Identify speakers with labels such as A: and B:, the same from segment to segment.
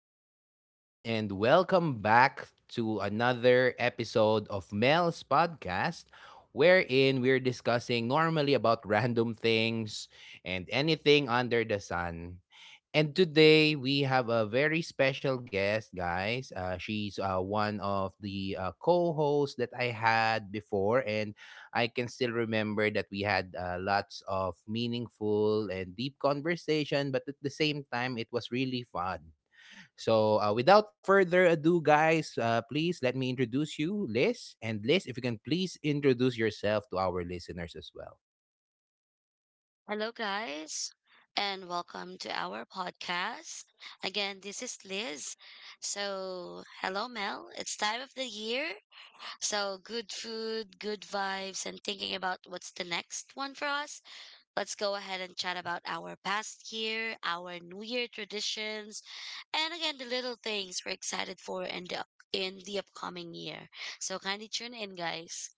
A: up, everyone? And welcome back to another episode of Mel's podcast, wherein we're discussing normally about random things and anything under the sun. And today we have a very special guest, guys. She's one of the co-hosts that I had before, and I can still remember that we had lots of meaningful and deep conversation. But at the same time, it was really fun. So, without further ado, guys, please let me introduce you, Liz. And Liz, if you can please introduce yourself to our listeners as well.
B: Hello, guys, and welcome to our podcast. Again, this is Liz. So, hello, Mel. It's time of the year. So, good food, good vibes, and thinking about what's the next one for us. Let's go ahead and chat about our past year, our New Year traditions, and again, the little things we're excited for in in the upcoming year. So, kindly tune in, guys.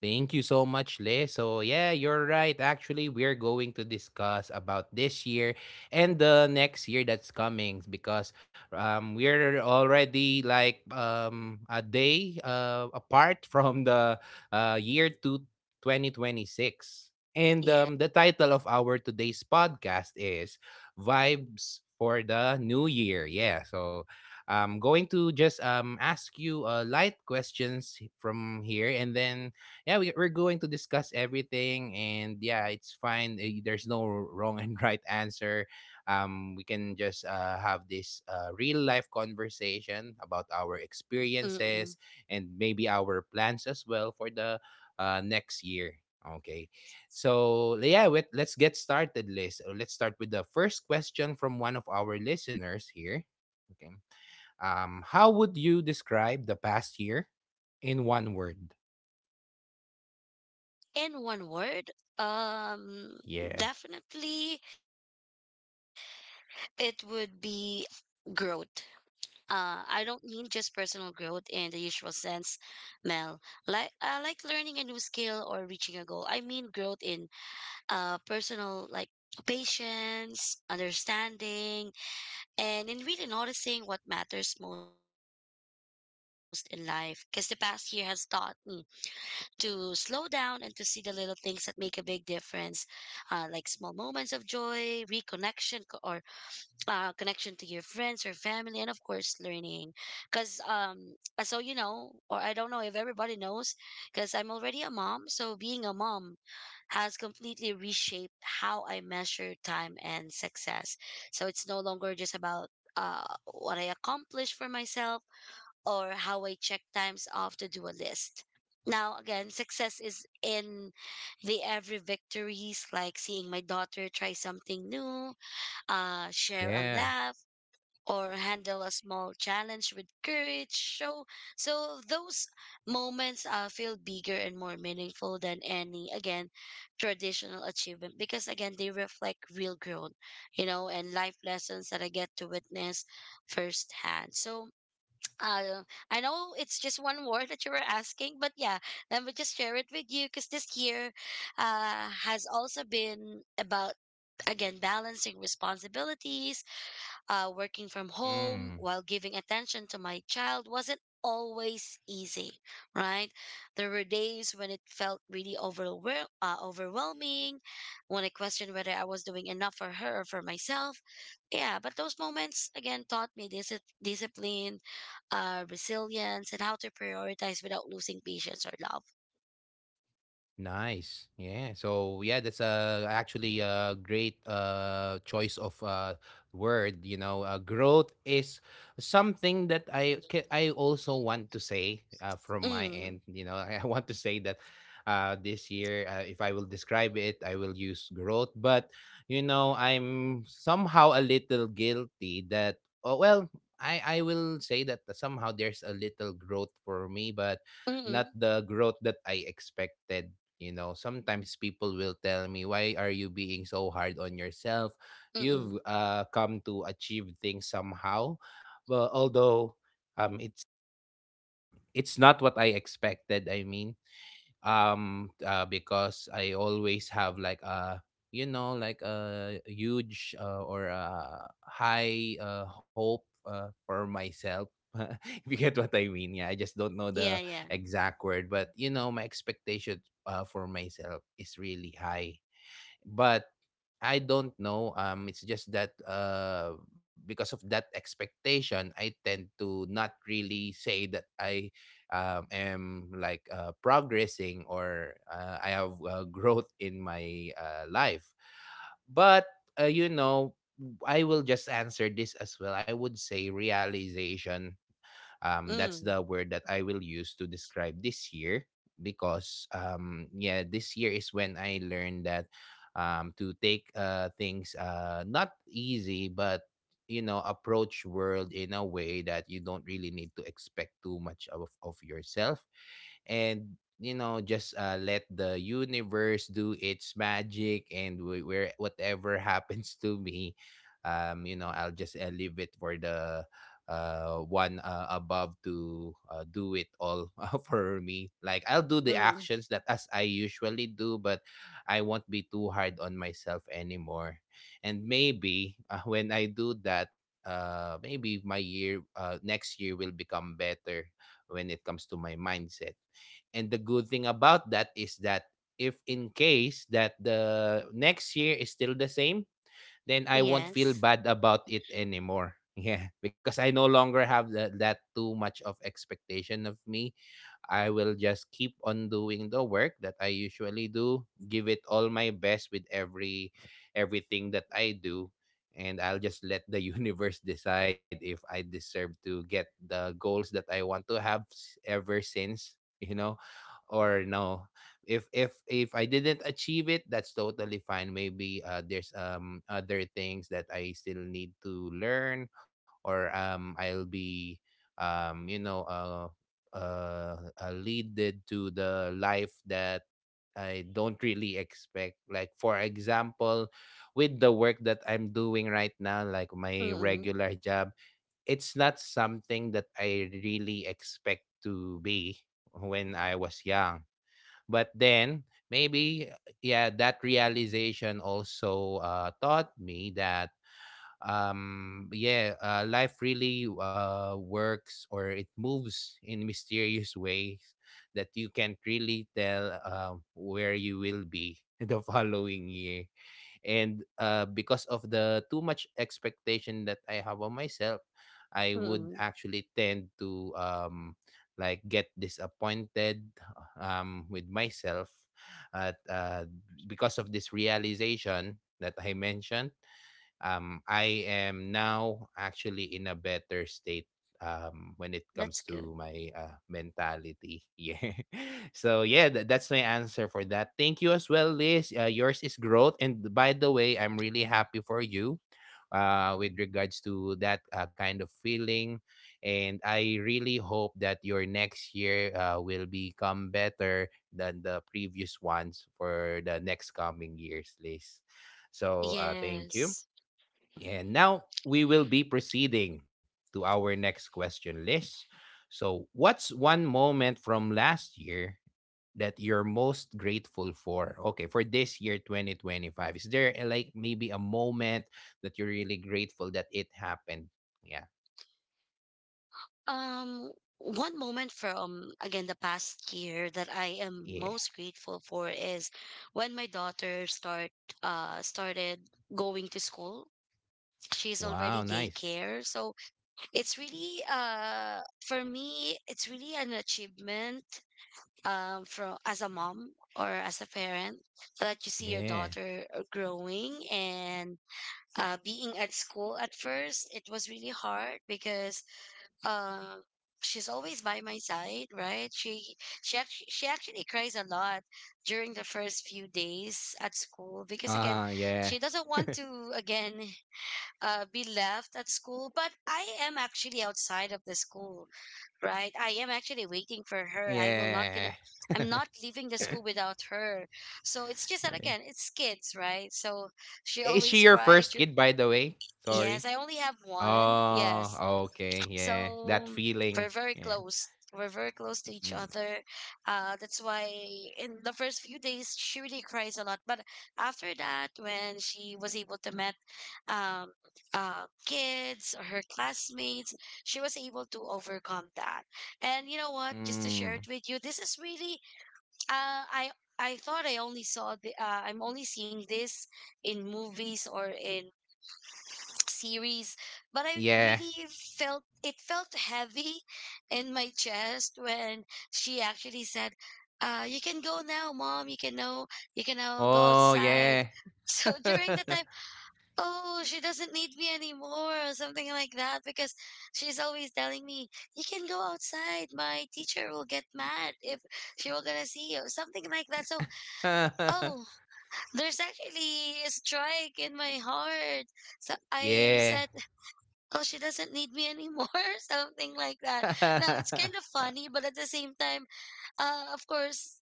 A: Thank you so much, Le. So yeah, you're right. Actually, we're going to discuss about this year and the next year that's coming because we're already like a day apart from the year to 2026. And
B: Yeah.
A: the title of our today's podcast is Vibes for the New Year. Yeah, so I'm going to just ask you light questions from here and then yeah, we're going to discuss everything, and yeah, it's fine. There's no wrong and right answer. We can just have this real life conversation about our
B: Mm-mm.
A: experiences and maybe our plans as well for the next year. Okay, so yeah, let's get started, Liz. Let's start with the first question from one of our listeners here. Okay, how would you describe the past year in one word?
B: In one word, um,
A: Yeah.
B: definitely it would be growth. I don't mean just personal growth in the usual sense, Mel. Like learning a new skill or reaching a goal. I mean growth in personal like patience, understanding, and in really noticing what matters most in life. Because the past year has taught me to slow down and to see the little things that make a big difference, like small moments of joy, reconnection, c- or connection to your friends or family, and of course, learning. Because, so you know, or I don't know if everybody knows, because I'm already a mom, so being a mom has completely reshaped how I measure time and success. So it's no longer just about uh, what I accomplish for myself or how I check times off to do a list. Now, again, success is in the every victories, like seeing my daughter try something new, share a
A: Yeah.
B: laugh, or handle a small challenge with courage. So those moments feel bigger and more meaningful than any, again, traditional achievement because, again, they reflect real growth, you know, and life lessons that I get to witness firsthand. So, uh, I know it's just one word that you were asking, but yeah, let me just share it with you because this year has also been about, again, balancing responsibilities, working from home
A: Hmm.
B: while giving attention to my child wasn't always easy, right? There were days when it felt really overwhelming, when I questioned whether I was doing enough for her or for myself. Yeah, but those moments again taught me discipline, resilience, and how to prioritize without losing patience or love.
A: Nice. Yeah. So yeah, that's actually a great choice of word. You know, growth is something that I also want to say from my
B: Mm,
A: end. You know, I want to say that this year, if I will describe it, I will use growth. But you know, I'm somehow a little guilty that oh well. I will say that somehow there's a little growth for me, but not
B: mm,
A: the growth that I expected. You know, sometimes people will tell me, "Why are you being so hard on yourself? You've
B: mm,
A: come to achieve things somehow." But although um, it's it's not what I expected. I mean, because I always have like a you know like a huge or a high hope for myself. If you get what I mean, yeah. I just don't know
B: yeah,
A: the
B: yeah.
A: exact word, but you know, my expectation for myself is really high, but I don't know. It's just that because of that expectation, I tend to not really say that I am like progressing or I have growth in my life. But you know, I will just answer this as well. I would say realization, that's
B: Mm,
A: the word that I will use to describe this year, because yeah, this year is when I learned that, to take things not easy, but you know, approach world in a way that you don't really need to expect too much of yourself, and you know, just let the universe do its magic, and wh- where whatever happens to me, you know, I'll just leave it for the one above to do it all for me. Like, I'll do the
B: mm,
A: actions that as I usually do, but I won't be too hard on myself anymore. And maybe when I do that, maybe my year, next year, will become better when it comes to my mindset. And the good thing about that is that if in case that the next year is still the same, then I won't feel
B: yes.
A: bad about it anymore. Yeah, because I no longer have that too much of expectation of me. I will just keep on doing the work that I usually do, give it all my best with everything that I do, and I'll just let the universe decide if I deserve to get the goals that I want to have ever since, you know, or no. If I didn't achieve it, that's totally fine. Maybe there's other things that I still need to learn, or I'll be, you know, leaded to the life that I don't really expect. Like for example, with the work that I'm doing right now, like my
B: Mm,
A: regular job, it's not something that I really expect to be when I was young. But then maybe yeah, that realization also taught me that, yeah, life really works, or it moves in mysterious ways, that you can't really tell where you will be the following year. And because of the too much expectation that I have on myself, I would
B: mm,
A: actually tend to like get disappointed with myself. At Because of this realization that I mentioned, I am now actually in a better state, when it
B: that's
A: comes
B: good.
A: to my mentality. Yeah. So yeah, that's my answer for that. Thank you as well, Liz. Yours is growth, and by the way, I'm really happy for you. With regards to that kind of feeling, and I really hope that your next year will become better than the previous ones for the next coming years, Liz. So thank you,
B: Yes.
A: and now we will be proceeding to our next question list. So, what's one moment from last year that you're most grateful for? Okay, for this year 2025. Is there like maybe a moment that you're really grateful that it happened? Yeah.
B: Um, one moment from again the past year that I am
A: Yeah.
B: most grateful for is when my daughter started going to school. She's already
A: Wow, nice.
B: daycare, so it's really for me it's really an achievement from as a mom or as a parent that you see your
A: Yeah.
B: daughter growing and being at school. At first it was really hard because uh, she's always by my side, right? She actually cries a lot during the first few days at school because again,
A: Ah, yeah.
B: she doesn't want to again be left at school. But I am actually outside of the school, right? I am actually waiting for her. I will not gonna.
A: Yeah.
B: I'm not leaving the school without her. So it's just that
A: Yeah.
B: again, it's kids, right? So she
A: Is she
B: always
A: your
B: cried.
A: first
B: Dur-
A: kid, by the way?
B: Yes,
A: Sorry.
B: I only have one. Yes,
A: Oh, okay, yeah. That
B: so we're
A: feeling.
B: very
A: Yeah.
B: close. We're very close to each
A: Mm.
B: other. That's why in the first few days she really cries a lot. But after that, when she was able to met um, kids or her classmates, she was able to overcome that. And you know what? Just to share
A: Mm.
B: it with you, this is really uh, I I thought I only saw the I'm only seeing this in movies or in series, but I
A: Yeah.
B: really felt it felt heavy in my chest when she actually said, "You can go now, mom. You can now go
A: Oh,
B: outside."
A: yeah.
B: So during the time, oh, she doesn't need me anymore or something like that, because she's always telling me, "You can go outside. My teacher will get mad if she will gonna see you," something like that. So, oh, there's actually a strike in my heart. So I
A: Yeah.
B: said, oh, she doesn't need me anymore something like that. Now it's kind of funny, but at the same time, of course,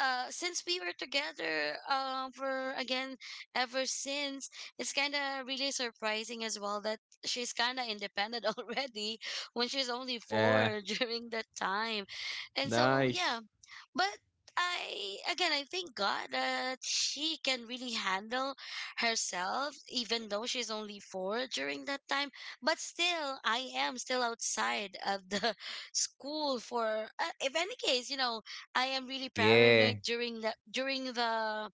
B: since we were together for again ever since, it's kind of really surprising as well that she's kind of independent already when she's only
A: Yeah.
B: four during that time. And so yeah,
A: Nice.
B: but I again, I thank God that she can really handle herself, even though she's only four during that time. But still, I am still outside of the school for. If any case, you know, I am really paranoid
A: Yeah.
B: during the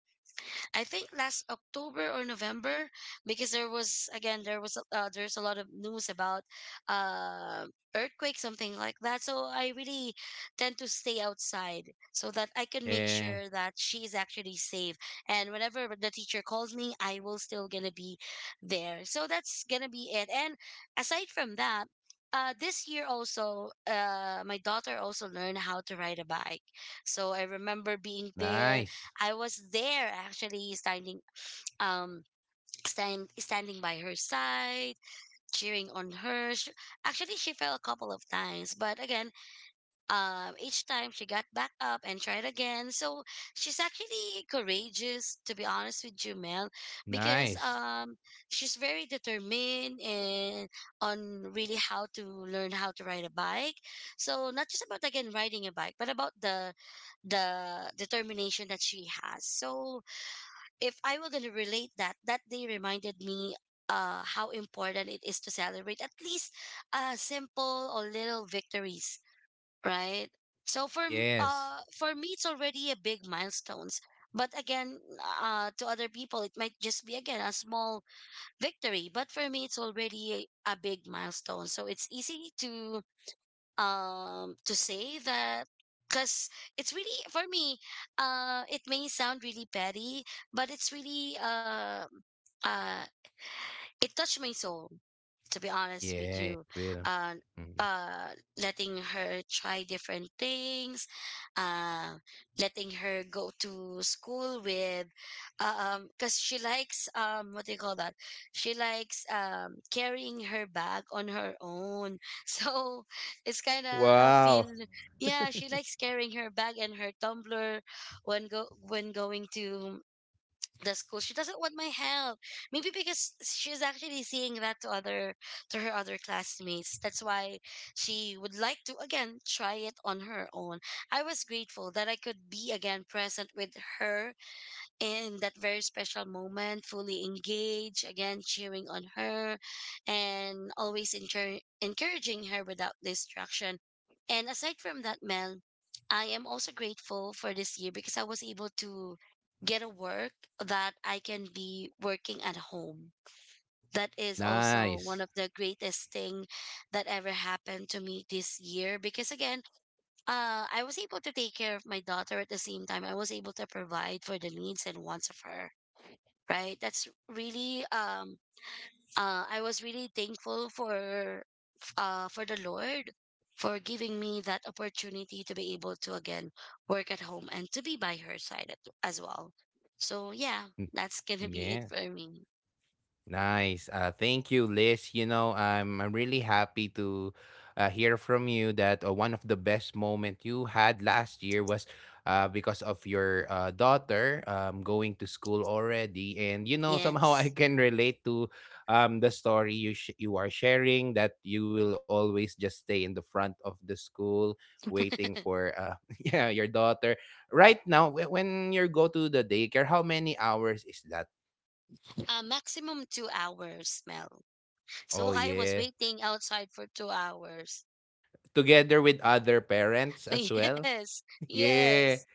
B: I think last October or November, because there was again there was a- there's a lot of news about uh, earthquake something like that. So I really tend to stay outside so that I can make
A: Yeah.
B: sure that she is actually safe. And whenever the teacher calls me, I will still gonna be there. So that's gonna be it. And aside from that. This year also, my daughter also learned how to ride a bike. So I remember being there.
A: Nice.
B: I was there actually standing, um standing by her side, cheering on her. She, actually she fell a couple of times, but again, each time she got back up and tried again. So she's actually courageous, to be honest with you, Mel, because
A: Nice.
B: she's very determined and on really how to learn how to ride a bike. So not just about again riding a bike, but about the determination that she has. So if I were going to relate that, that day reminded me how important it is to celebrate at least simple or little victories, right? So
A: Yes.
B: for me, it's already a big milestones. But again, to other people, it might just be again a small victory. But for me, it's already a big milestone. So it's easy to say that because it's really for me it may sound really petty, but it's really uh it touched my soul, to be honest with
A: Yeah,
B: you,
A: it will.
B: uh,
A: Mm.
B: uh, letting her try different things, uh, letting her go to school with, cause she likes what do you call that? She likes carrying her bag on her own. So it's kind of feel,
A: Wow.
B: yeah, she likes carrying her bag and her tumbler when go when going to the school. She doesn't want my help, maybe because she's actually seeing that to other to her other classmates. That's why she would like to again try it on her own. I was grateful that I could be again present with her in that very special moment, fully engaged, again cheering on her and always encouraging her without distraction. And aside from that, Mel, I am also grateful for this year because I was able to get a work that I can be working at home. That is also one
A: Nice.
B: of the greatest thing that ever happened to me this year because again, I was able to take care of my daughter at the same time. I was able to provide for the needs and wants of her, right? That's really I was really thankful for the Lord for giving me that opportunity to be able to again work at home and to be by her side as well. So yeah,
A: Mm.
B: that's gonna be it
A: Yeah.
B: for me.
A: Nice. Thank you, Liz. You know, I'm really happy to hear from you that one of the best moment you had last year was because of your daughter going to school already. And, you know, somehow I
B: Yes.
A: can relate to the story you are sharing, that you will always just stay in the front of the school waiting for yeah, your daughter. Right now, when you go to the daycare, how many hours is that?
B: Uh, maximum 2 hours, Mel. So
A: Oh,
B: I was
A: yeah.
B: waiting outside for 2 hours.
A: Together with other parents as well.
B: Yes,
A: Yeah.
B: yes,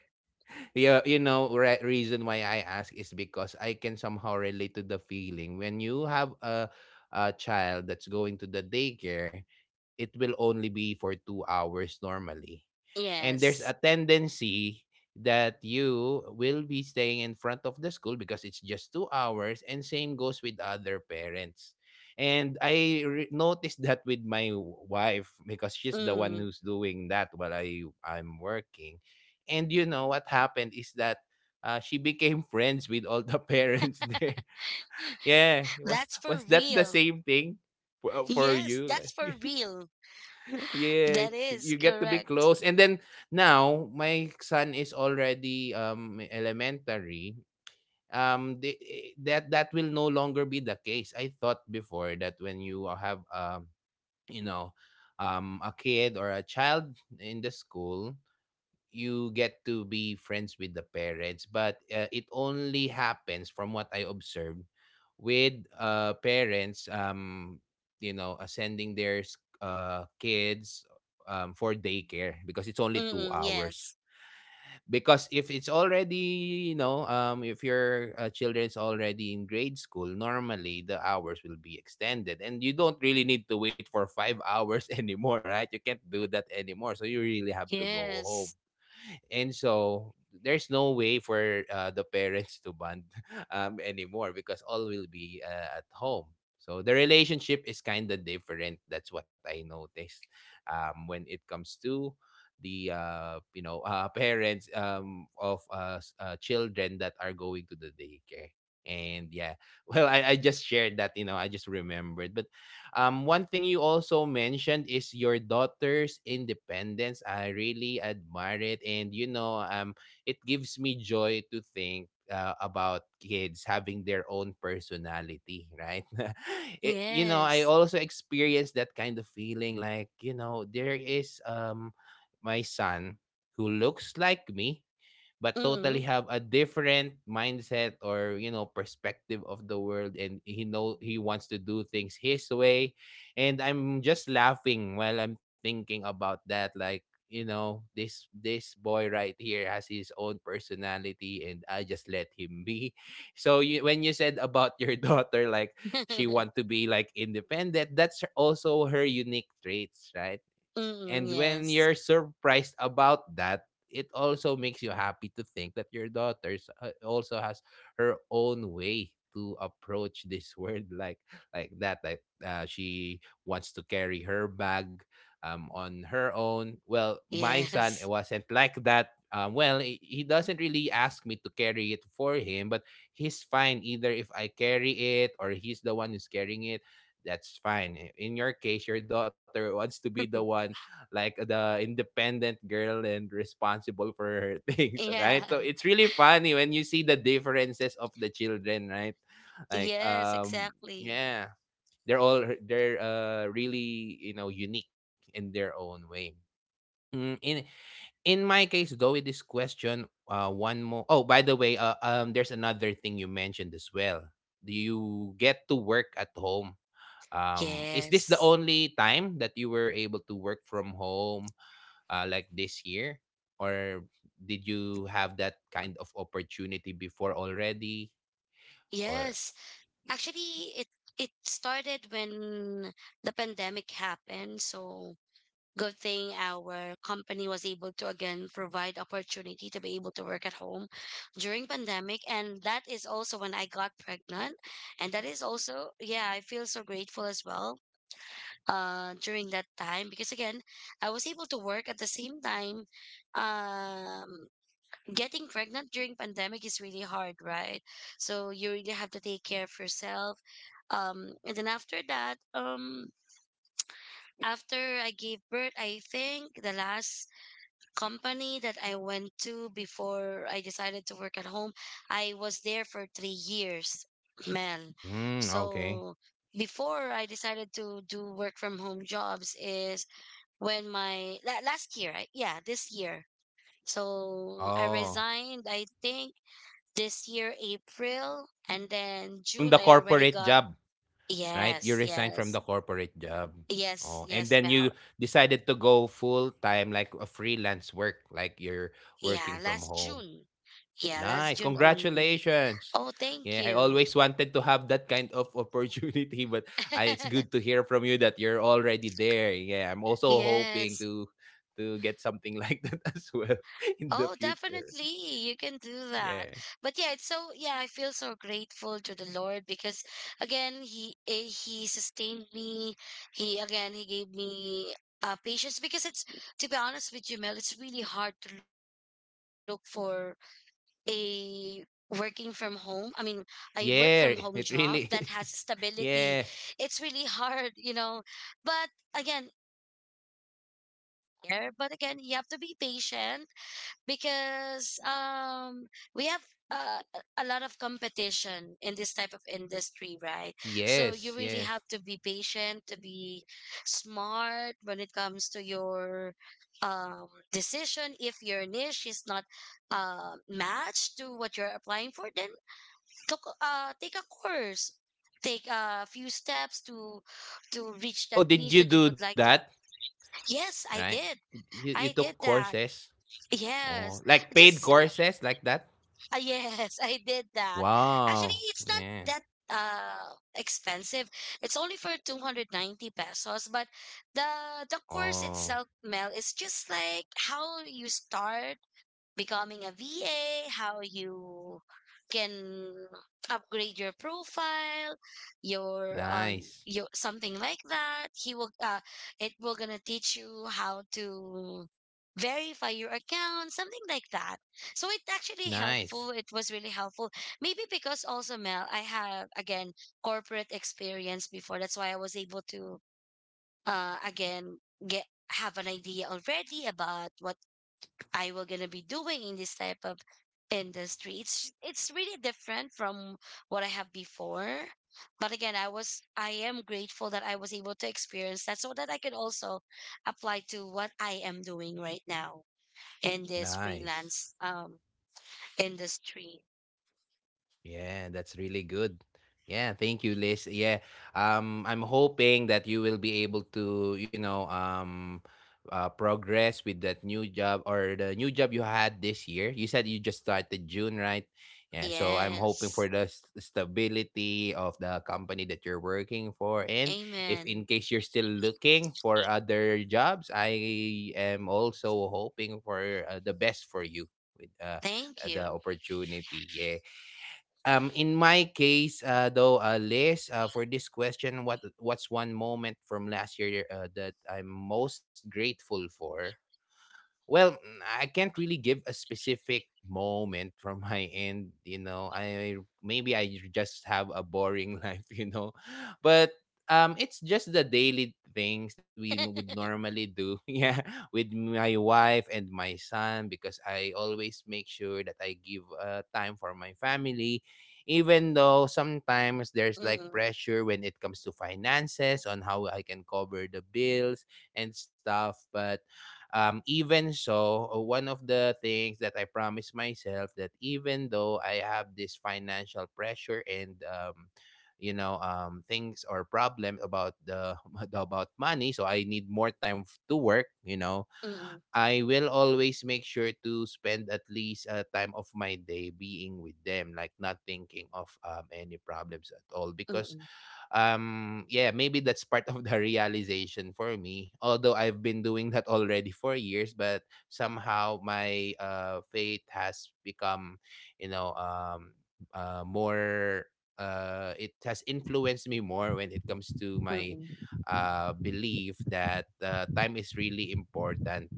A: Yeah, you know, reason why I ask is because I can somehow relate to the feeling when you have a child that's going to the daycare. It will only be for 2 hours normally. And there's a
B: yes.
A: tendency that you will be staying in front of the school because it's just 2 hours, and same goes with other parents. And I noticed that with my wife, because she's the one
B: Mm,
A: who's doing that while I'm working. And you know what happened is that she became friends with all the parents there. Yeah, was
B: that's for
A: was that the
B: real.
A: same thing for
B: Yes,
A: you?
B: that's for real.
A: Yeah,
B: That is
A: you get to be
B: correct.
A: close. And then now my son is already elementary. The, eh, that that will no longer be the case. I thought before that when you have you know a kid or a child in the school, you get to be friends with the parents, but it only happens, from what I observed, with parents, you know, sending their kids for daycare, because it's only 2
B: Mm-mm,
A: hours.
B: yes.
A: Because if it's already, you know, if your children's already in grade school, normally the hours will be extended, and you don't really need to wait for 5 hours anymore, right? You can't do that anymore, so you really have to go home.
B: Yes.
A: And so there's no way for the parents to bond anymore, because all will be at home. So the relationship is kind of different. That's what I noticed when it comes to the you know, parents of children that are going to the daycare. And yeah, well, I just shared that, you know, I just remembered. But one thing you also mentioned is your daughter's independence. I really admire it, and you know, it gives me joy to think about kids having their own personality, right? I
B: Yes.
A: also experienced that kind of feeling there is my son who looks like me but totally
B: Mm-mm.
A: have a different mindset or perspective of the world, and he know he wants to do things his way. And I'm just laughing while I'm thinking about that, like this boy right here has his own personality and I just let him be. So you, when you said about your daughter, like she want to be like independent, that's also her unique traits, right?
B: Mm-mm,
A: And when
B: yes.
A: you're surprised about that, it also makes you happy to think that your daughter's also has her own way to approach this word like that, like she wants to carry her bag on her own. Well, my son, it
B: Yes.
A: wasn't like that. Well, he doesn't really ask me to carry it for him, but he's fine either if I carry it or he's the one who's carrying it. That's fine. In your case, your daughter wants to be the one, like the independent girl and responsible for her things,
B: Yeah.
A: right? So it's really funny when you see the differences of the children, right? Like
B: Yes, exactly.
A: yeah, they're really, you know, unique in their own way. Mm, in my case though, with this question, one more. Oh, by the way, there's another thing you mentioned as well. Do you get to work at home? Is this the
B: Yes.
A: only time that you were able to work from home? Like this year? Or did you have that kind of opportunity before already? Or,
B: Yes. Actually, it started when the pandemic happened. So good thing our company was able to again provide opportunity to be able to work at home during pandemic, and that is also when I got pregnant. And that is also, yeah, I feel so grateful as well during that time because again, I was able to work at the same time. um getting pregnant during pandemic is really hard, right? So you really have to take care of yourself. And then after that, after I gave birth, I think the last company that I went to before I decided to work at home, I was there for 3 years, Mel.
A: mm, okay.
B: So before I decided to do work from home jobs is when last year, I, yeah, this year. So I
A: Oh,
B: resigned, I think this year April, and then
A: from the
B: June I already
A: corporate
B: got
A: job, right?
B: yes,
A: You resigned
B: yes.
A: from the corporate job. Oh,
B: Yes,
A: and
B: yes,
A: then you
B: Mel.
A: decided to go full time, like a freelance work, like you're
B: Yeah,
A: working from
B: last
A: home.
B: June. Yeah, last
A: Nice,
B: June only.
A: congratulations.
B: Oh, thank
A: Yeah, I
B: you.
A: always wanted to have that kind of opportunity, but I, it's good to hear from you that you're already there. Yeah, I'm also hoping
B: Yes.
A: to get something like that as well in the
B: Oh,
A: future.
B: definitely. You can do that.
A: Yeah.
B: But yeah, it's so yeah, I feel so grateful to the Lord because again, he sustained me. He he gave me patience because it's to be honest with you, Mel, it's really hard to look for a working from home. I mean, I work from home
A: Yeah,
B: job
A: it
B: that has
A: really is.
B: stability.
A: Yeah.
B: It's really hard, you know. But again, yeah, but again, you have to be patient because we have uh, a lot of competition in this type of industry, right? So you really
A: Yes,
B: have to be
A: yes.
B: patient to be smart when it comes to your um decision. If your niche is not matched to what you're applying for, then took take a course, take a few steps to reach that
A: Oh, did
B: niche
A: you
B: that you
A: do
B: would like
A: that?
B: to. Yes,
A: Right?
B: I did.
A: You
B: I
A: took
B: did that.
A: courses?
B: Yes,
A: Oh, like paid
B: just
A: courses like that?
B: ah, yes, I did that. Actually,
A: Wow.
B: it's not
A: Yeah.
B: that expensive. It's only for 290 pesos, but the the course
A: Oh,
B: itself, Mel, is just like how you start becoming a VA, how you can upgrade your profile, your
A: nice.
B: something like that. He will it will gonna teach you how to verify your account, something like that. So it actually helpful.
A: Nice,
B: It was really helpful. Maybe because also, Mel, I have again corporate experience before. That's why I was able to again get have an idea already about what I will gonna be doing in this type of industry. It's really different from what I have before. But again, I am grateful that I was able to experience that so that I could also apply to what I am doing right now in this
A: nice.
B: freelance industry.
A: Yeah, that's really good. Yeah, thank you, Liz. Yeah, I'm hoping that you will be able to, you know, progress with that new job or the new job you had this year. You said you just started June, right? Yeah, so I'm hoping for
B: Yes.
A: the stability of the company that you're working for. And if in
B: Amen.
A: case you're still looking for other jobs, I am also hoping for the best for you with
B: Thank
A: the
B: you.
A: opportunity. Yeah. In my case, Liz, for this question, what what's one moment from last year that I'm most grateful for? Well, mm, I can't really give a specific moment from my end, you know. I maybe I just have a boring life, you know. But it's just the daily things that we would normally do. Yeah, with my wife and my son, because I always make sure that I give time for my family, even though
B: Mm-mm,
A: sometimes there's like pressure when it comes to finances on how I can cover the bills and stuff. But even so, one of the things that I promised myself that even though I have this financial pressure and you know, things or problem about the about money, so I need more time to work. You know,
B: mm-mm,
A: I will always make sure to spend at least a time of my day being with them, like not thinking of any problems at all, because
B: mm-mm,
A: yeah, maybe that's part of the realization for me, although I've been doing that already for years. But somehow my faith has become, you know, more, it has influenced me more when it comes to my
B: mm-mm,
A: belief that time is really important,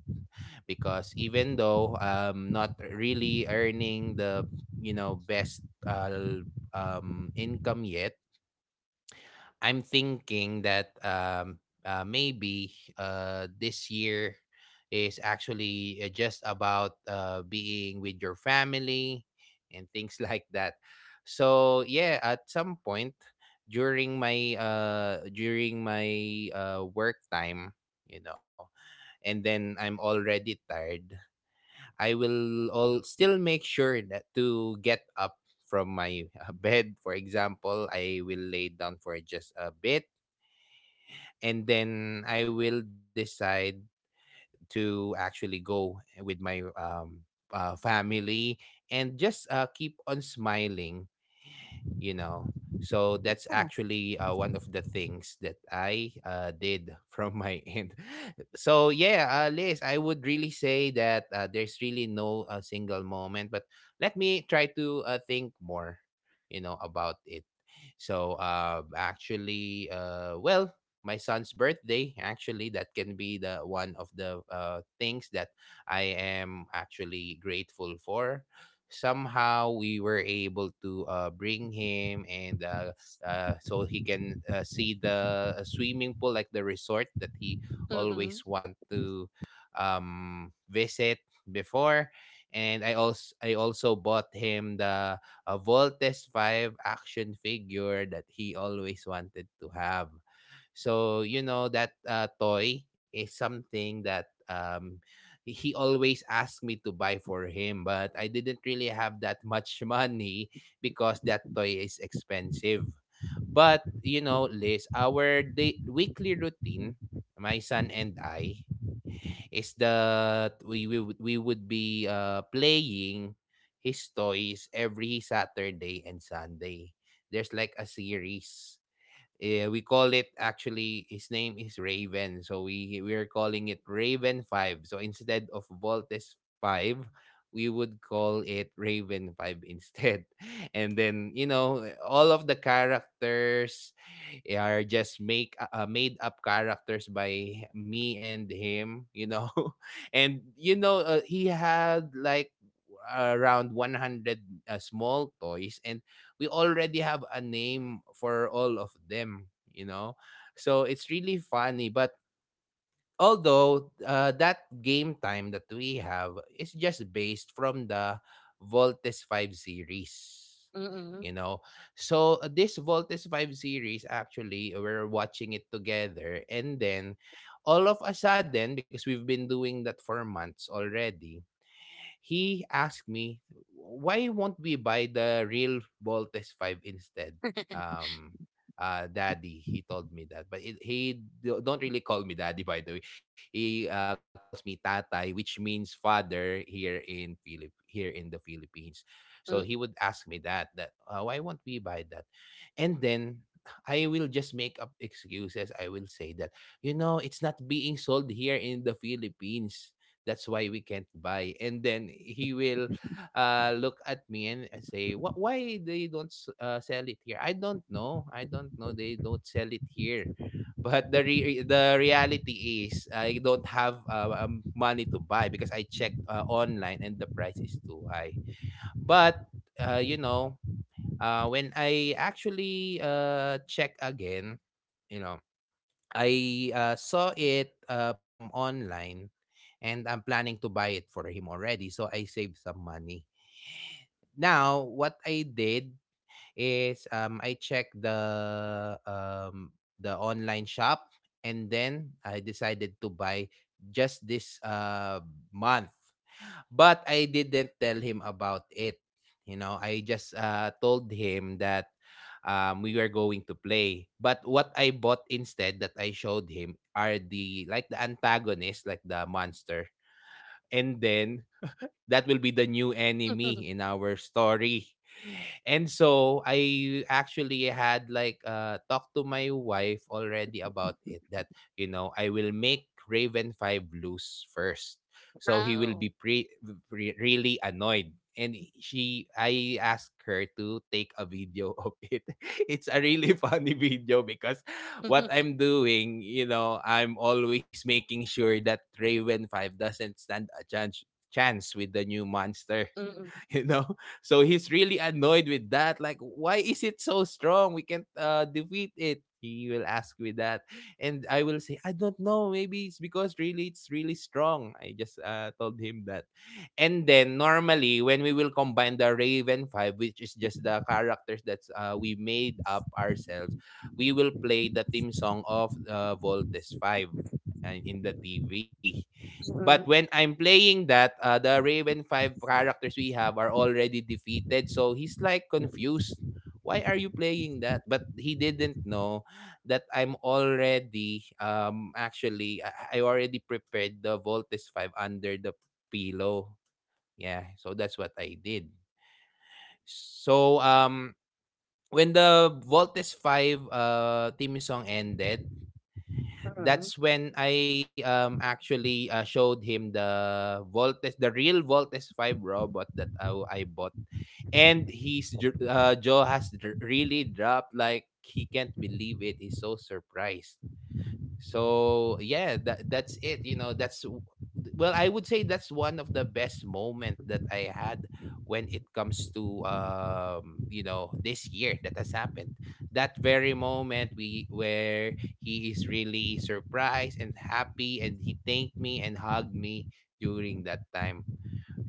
A: because even though not really earning the, you know, best income yet, I'm thinking that maybe this year is actually just about being with your family and things like that. So yeah, at some point during my work time, you know, and then I'm already tired. I will all still make sure that to get up from my bed. For example, I will lay down for just a bit, and then I will decide to actually go with my family and just keep on smiling, you know. So that's actually one of the things that I did from my end. So yeah, Liz, I would really say that there's really no single moment, but let me try to think more, you know, about it. So actually, well, my son's birthday, actually, that can be the one of the things that I am actually grateful for. Somehow we were able to bring him and so he can see the swimming pool, like the resort that he
B: mm-mm,
A: always want to visit before. And I also bought him the a Voltes Five action figure that he always wanted to have. So, you know, that toy is something that he always asked me to buy for him, but I didn't really have that much money, because that toy is expensive. But, you know, Liz, our weekly routine, my son and I, is that we would be playing his toys every Saturday and Sunday. There's like a series. Yeah, we call it, actually his name is Raven. So we are calling it Raven 5. So instead of Voltes 5, we would call it Raven 5 instead. And then, you know, eh, all of the characters eh, are just make made up characters by me and him, you know. And you know, he had like around 100 small toys, and we already have a name for all of them, you know? So it's really funny. But although that game time that we have is just based from the Voltes 5 series, you know? So this Voltes 5 series, actually, we're watching it together. And then all of a sudden, because we've been doing that for months already, he asked me, why won't we buy the real Voltes 5 instead? Um, Daddy, he told me that. But it, he don't really call me daddy, by the way. He calls me tatay, which means father here in Philip here in the Philippines. So
B: mm-mm,
A: he would ask me that, that why won't we buy that? And then I will just make up excuses. I will say that, you know, it's not being sold here in the Philippines. That's why we can't buy. And then he will look at me and say, "What? Why they don't sell it here? I don't know. I don't know. They don't sell it here." But the the reality is, I don't have money to buy, because I checked online and the price is too high. But you know, when I actually check again, you know, I saw it online, and I'm planning to buy it for him already. So I saved some money. Now, what I did is I checked the online shop, and then I decided to buy just this month. But I didn't tell him about it. You know, I just told him that we were going to play. But what I bought instead that I showed him are the like the antagonist, like the monster. And then that will be the new enemy
B: mm-mm.
A: in our story. And so I actually had like talked to my wife already about it, that you know I will make Raven 5 lose first. So he will
B: Wow.
A: be really annoyed. And she, I asked her to take a video of it. It's a really funny video, because what
B: Mm-mm,
A: I'm doing, you know, I'm always making sure that Raven 5 doesn't stand a chance with the new monster,
B: mm-mm,
A: you know? So he's really annoyed with that. Like, why is it so strong? We can't defeat it. He will ask me that. And I will say, I don't know. Maybe it's because really it's really strong. I just told him that. And then normally when we will combine the Raven 5, which is just the characters that we made up ourselves, we will play the theme song of Voltes 5 and in the TV. But
B: mm-mm,
A: when I'm playing that, the Raven five characters we have are already defeated. So he's like confused. Why are you playing that? But he didn't know that I'm already actually I already prepared the Voltes five under the pillow. Yeah, so that's what I did. So when the Voltes five theme song ended,
B: mm-mm.
A: that's when I actually showed him the Voltes, the real Voltes five robot that I bought. And his jaw has really dropped. Like, he can't believe it. He's so surprised. So yeah, that's it. Well, I would say that's one of the best moment that I had when it comes to this year that has happened. That very moment we where he is really surprised and happy, and he thanked me and hugged me during that time.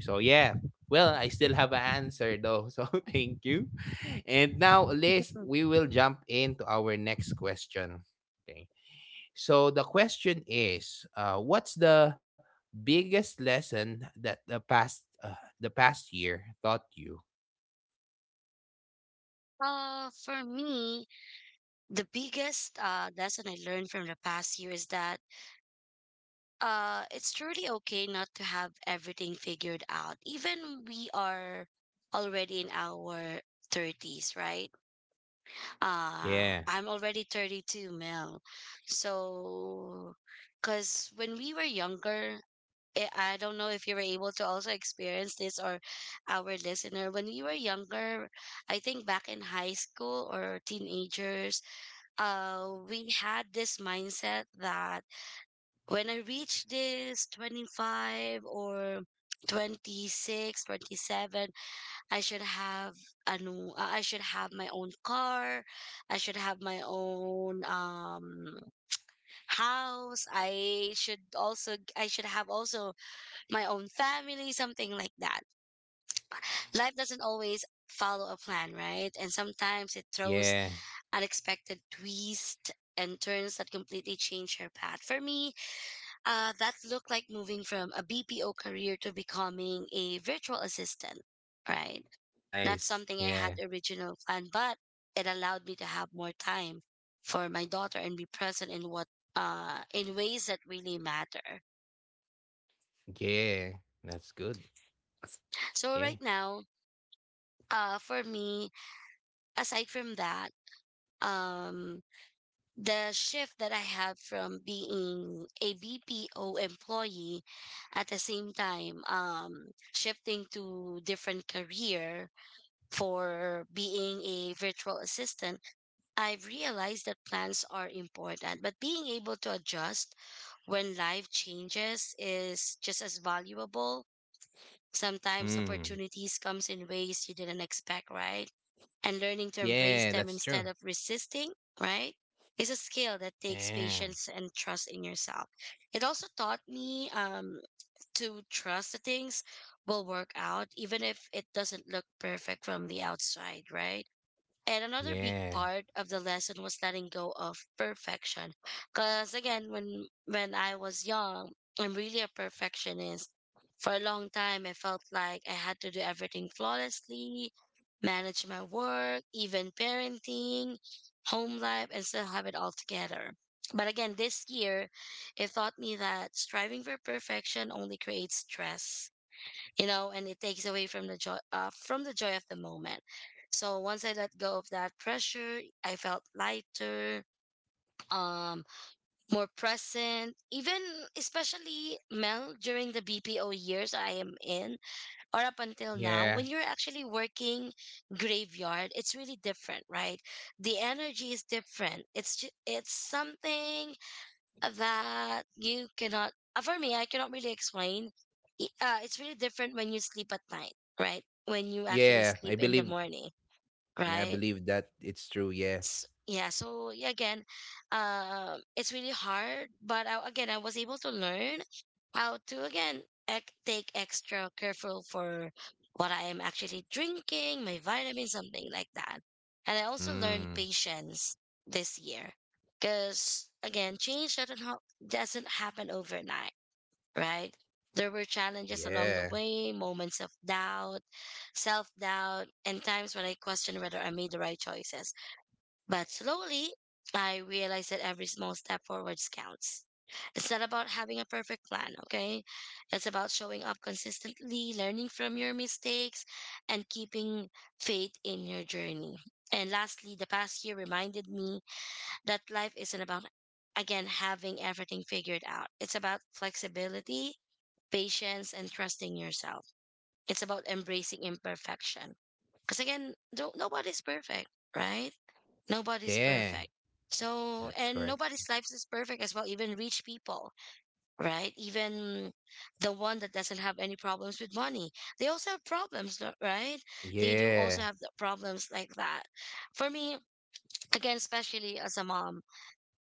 A: So yeah. Well, I still have an answer though. So thank you. And now, Liz, we will jump into our next question. Okay. So the question is, what's the biggest lesson that the past year taught you?
B: For me, the biggest lesson I learned from the past year is that it's truly okay not to have everything figured out. Even we are already in our 30s, right?
A: Yeah,
B: I'm already 32, Mel. So, because when we were younger, I don't know if you were able to also experience this, or our listener. When we were younger, I think back in high school or teenagers, we had this mindset that when I reach this 25 or 26, 27, I should have I should have my own car. I should have my own house. I should have also my own family, something like that. Life doesn't always follow a plan, right? And sometimes it throws
A: yeah,
B: unexpected twists and turns that completely changed her path. For me, that looked like moving from a BPO career to becoming a virtual assistant, right? Not
A: nice.
B: something I
A: Yeah,
B: had original planned, but it allowed me to have more time for my daughter and be present in what in ways that really matter.
A: yeah, that's good.
B: So
A: Yeah.
B: right now, for me, aside from that, um, the shift that I had from being a BPO employee at the same time, shifting to different career for being a virtual assistant, I've realized that plans are important, but being able to adjust when life changes is just as valuable. Sometimes
A: Mm.
B: opportunities comes in ways you didn't expect, right? And learning to embrace
A: Yeah,
B: them
A: that's
B: instead
A: true.
B: of resisting, right? Is a skill that takes
A: Yeah,
B: patience and trust in yourself. It also taught me, to trust that things will work out, even if it doesn't look perfect from the outside, right? And another big
A: yeah,
B: part of the lesson was letting go of perfection. Cause again, when I was young, I'm really a perfectionist. For a long time, I felt like I had to do everything flawlessly, manage my work, even parenting, home life, and still have it all together. But again, this year, it taught me that striving for perfection only creates stress, you know, and it takes away from the joy of the moment. So once I let go of that pressure, I felt lighter, um more present, even, especially, Mel, during the BPO years I am in, or up until now,
A: yeah,
B: when you're actually working graveyard, it's really different, right? The energy is different. It's something that you cannot for me, I cannot really explain. It's really different when you sleep at night, right, when you actually
A: yeah.
B: sleep
A: I
B: in the
A: believe.
B: morning,
A: Yeah, I
B: right?
A: believe that it's true. Yeah.
B: S yeah, so yeah, again, it's really hard, but again, I was able to learn how to again take extra careful for what I am actually drinking, my vitamins, something like that. And I also learned
A: Mm.
B: patience this year, because again, change doesn't hap- doesn't happen overnight, right? There were challenges along the
A: Yeah.
B: way, moments of doubt, self doubt, and times when I questioned whether I made the right choices. But slowly, I realized that every small step forwards counts. It's not about having a perfect plan, okay? It's about showing up consistently, learning from your mistakes, and keeping faith in your journey. And lastly, the past year reminded me that life isn't about, again, having everything figured out. It's about flexibility, patience, and trusting yourself. It's about embracing imperfection. Because again, don't, nobody's perfect, right? Nobody's
A: Yeah.
B: perfect. So,
A: That's
B: and
A: correct.
B: nobody's life is perfect as well, even rich people, right? Even the one that doesn't have any problems with money. They also have problems, no, right? They do also
A: Yeah.
B: have the problems like that. For me, again, especially as a mom,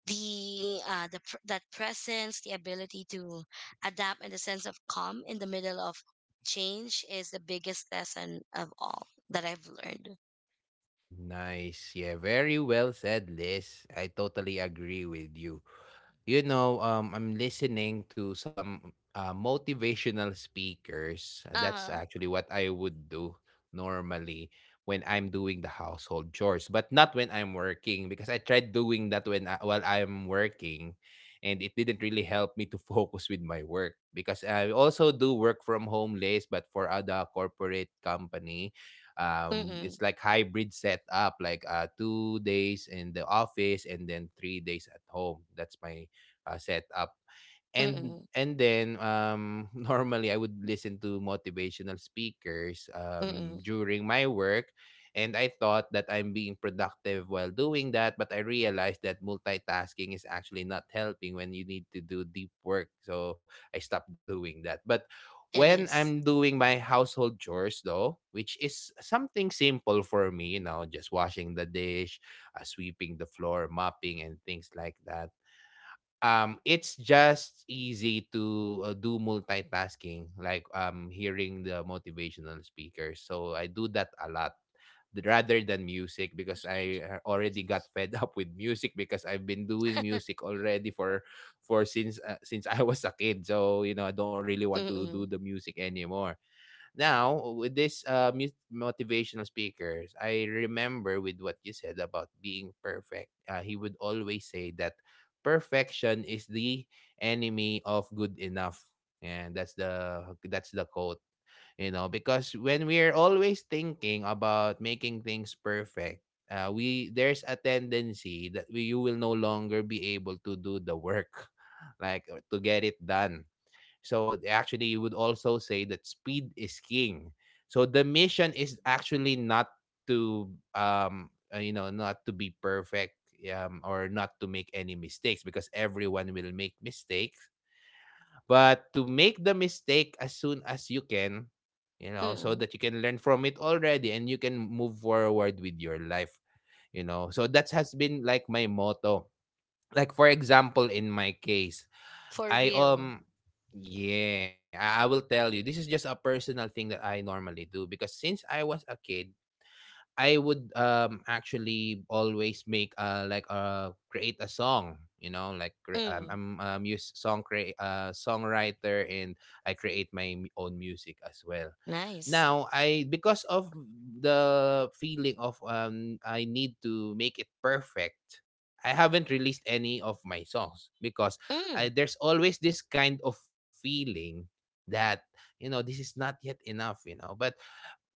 B: that presence, the ability to adapt, and the sense of calm in the middle of change is the biggest lesson of all that I've learned.
A: Nice. Yeah, very well said, Liz. I totally agree with you. You know, I'm listening to some motivational speakers. That's
B: Uh-huh.
A: actually what I would do normally when I'm doing the household chores, but not when I'm working because I tried doing that while I'm working, and it didn't really help me to focus with my work because I also do work from home list, but for other corporate company.
B: Mm-mm.
A: It's like hybrid setup, like 2 days in the office and then 3 days at home. That's my set up. And
B: Mm-mm.
A: and then normally I would listen to motivational speakers
B: Mm-mm.
A: during my work, and I thought that I'm being productive while doing that, but I realized that multitasking is actually not helping when you need to do deep work. So I stopped doing that. But when
B: It
A: I'm
B: is.
A: doing my household chores, though, which is something simple for me, you know, just washing the dish, sweeping the floor, mopping, and things like that. It's just easy to do multitasking, like hearing the motivational speakers. So I do that a lot rather than music because I already got fed up with music because I've been doing music already for since I was a kid. So, you know, I don't really want
B: Mm,
A: to do the music anymore. Now, with this motivational speakers, I remember with what you said about being perfect. He would always say that perfection is the enemy of good enough. And that's the quote, you know, because when we're always thinking about making things perfect, we there's a tendency that you will no longer be able to do the work, like to get it done. So actually, you would also say that speed is king. So the mission is actually not to you know, not to be perfect, or not to make any mistakes, because everyone will make mistakes, but to make the mistake as soon as you can, you know, so
B: mm.
A: that you can learn from it already and you can move forward with your life, you know. So that has been like my motto. Like for example, in my case,
B: For
A: I
B: real.
A: yeah, I will tell you. This is just a personal thing that I normally do because since I was a kid, I would actually always make like create a song, you know,
B: Mm,
A: I'm a music songwriter, and I create my own music as well.
B: nice.
A: Now I, because of the feeling of I need to make it perfect, I haven't released any of my songs because
B: Mm,
A: there's always this kind of feeling that, you know, this is not yet enough, you know. But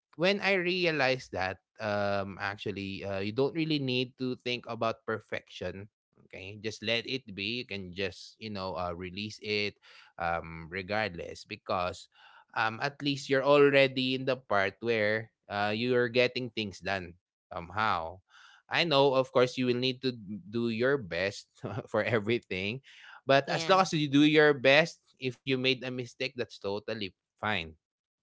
A: when I realized that, actually, you don't really need to think about perfection. Okay, just let it be. You can just, you know, release it, regardless, because at least you're already in the part where you are getting things done somehow. I know, of course, you will need to do your best for everything, but as
B: yeah.
A: long as you do your best, if you made a mistake, that's totally fine.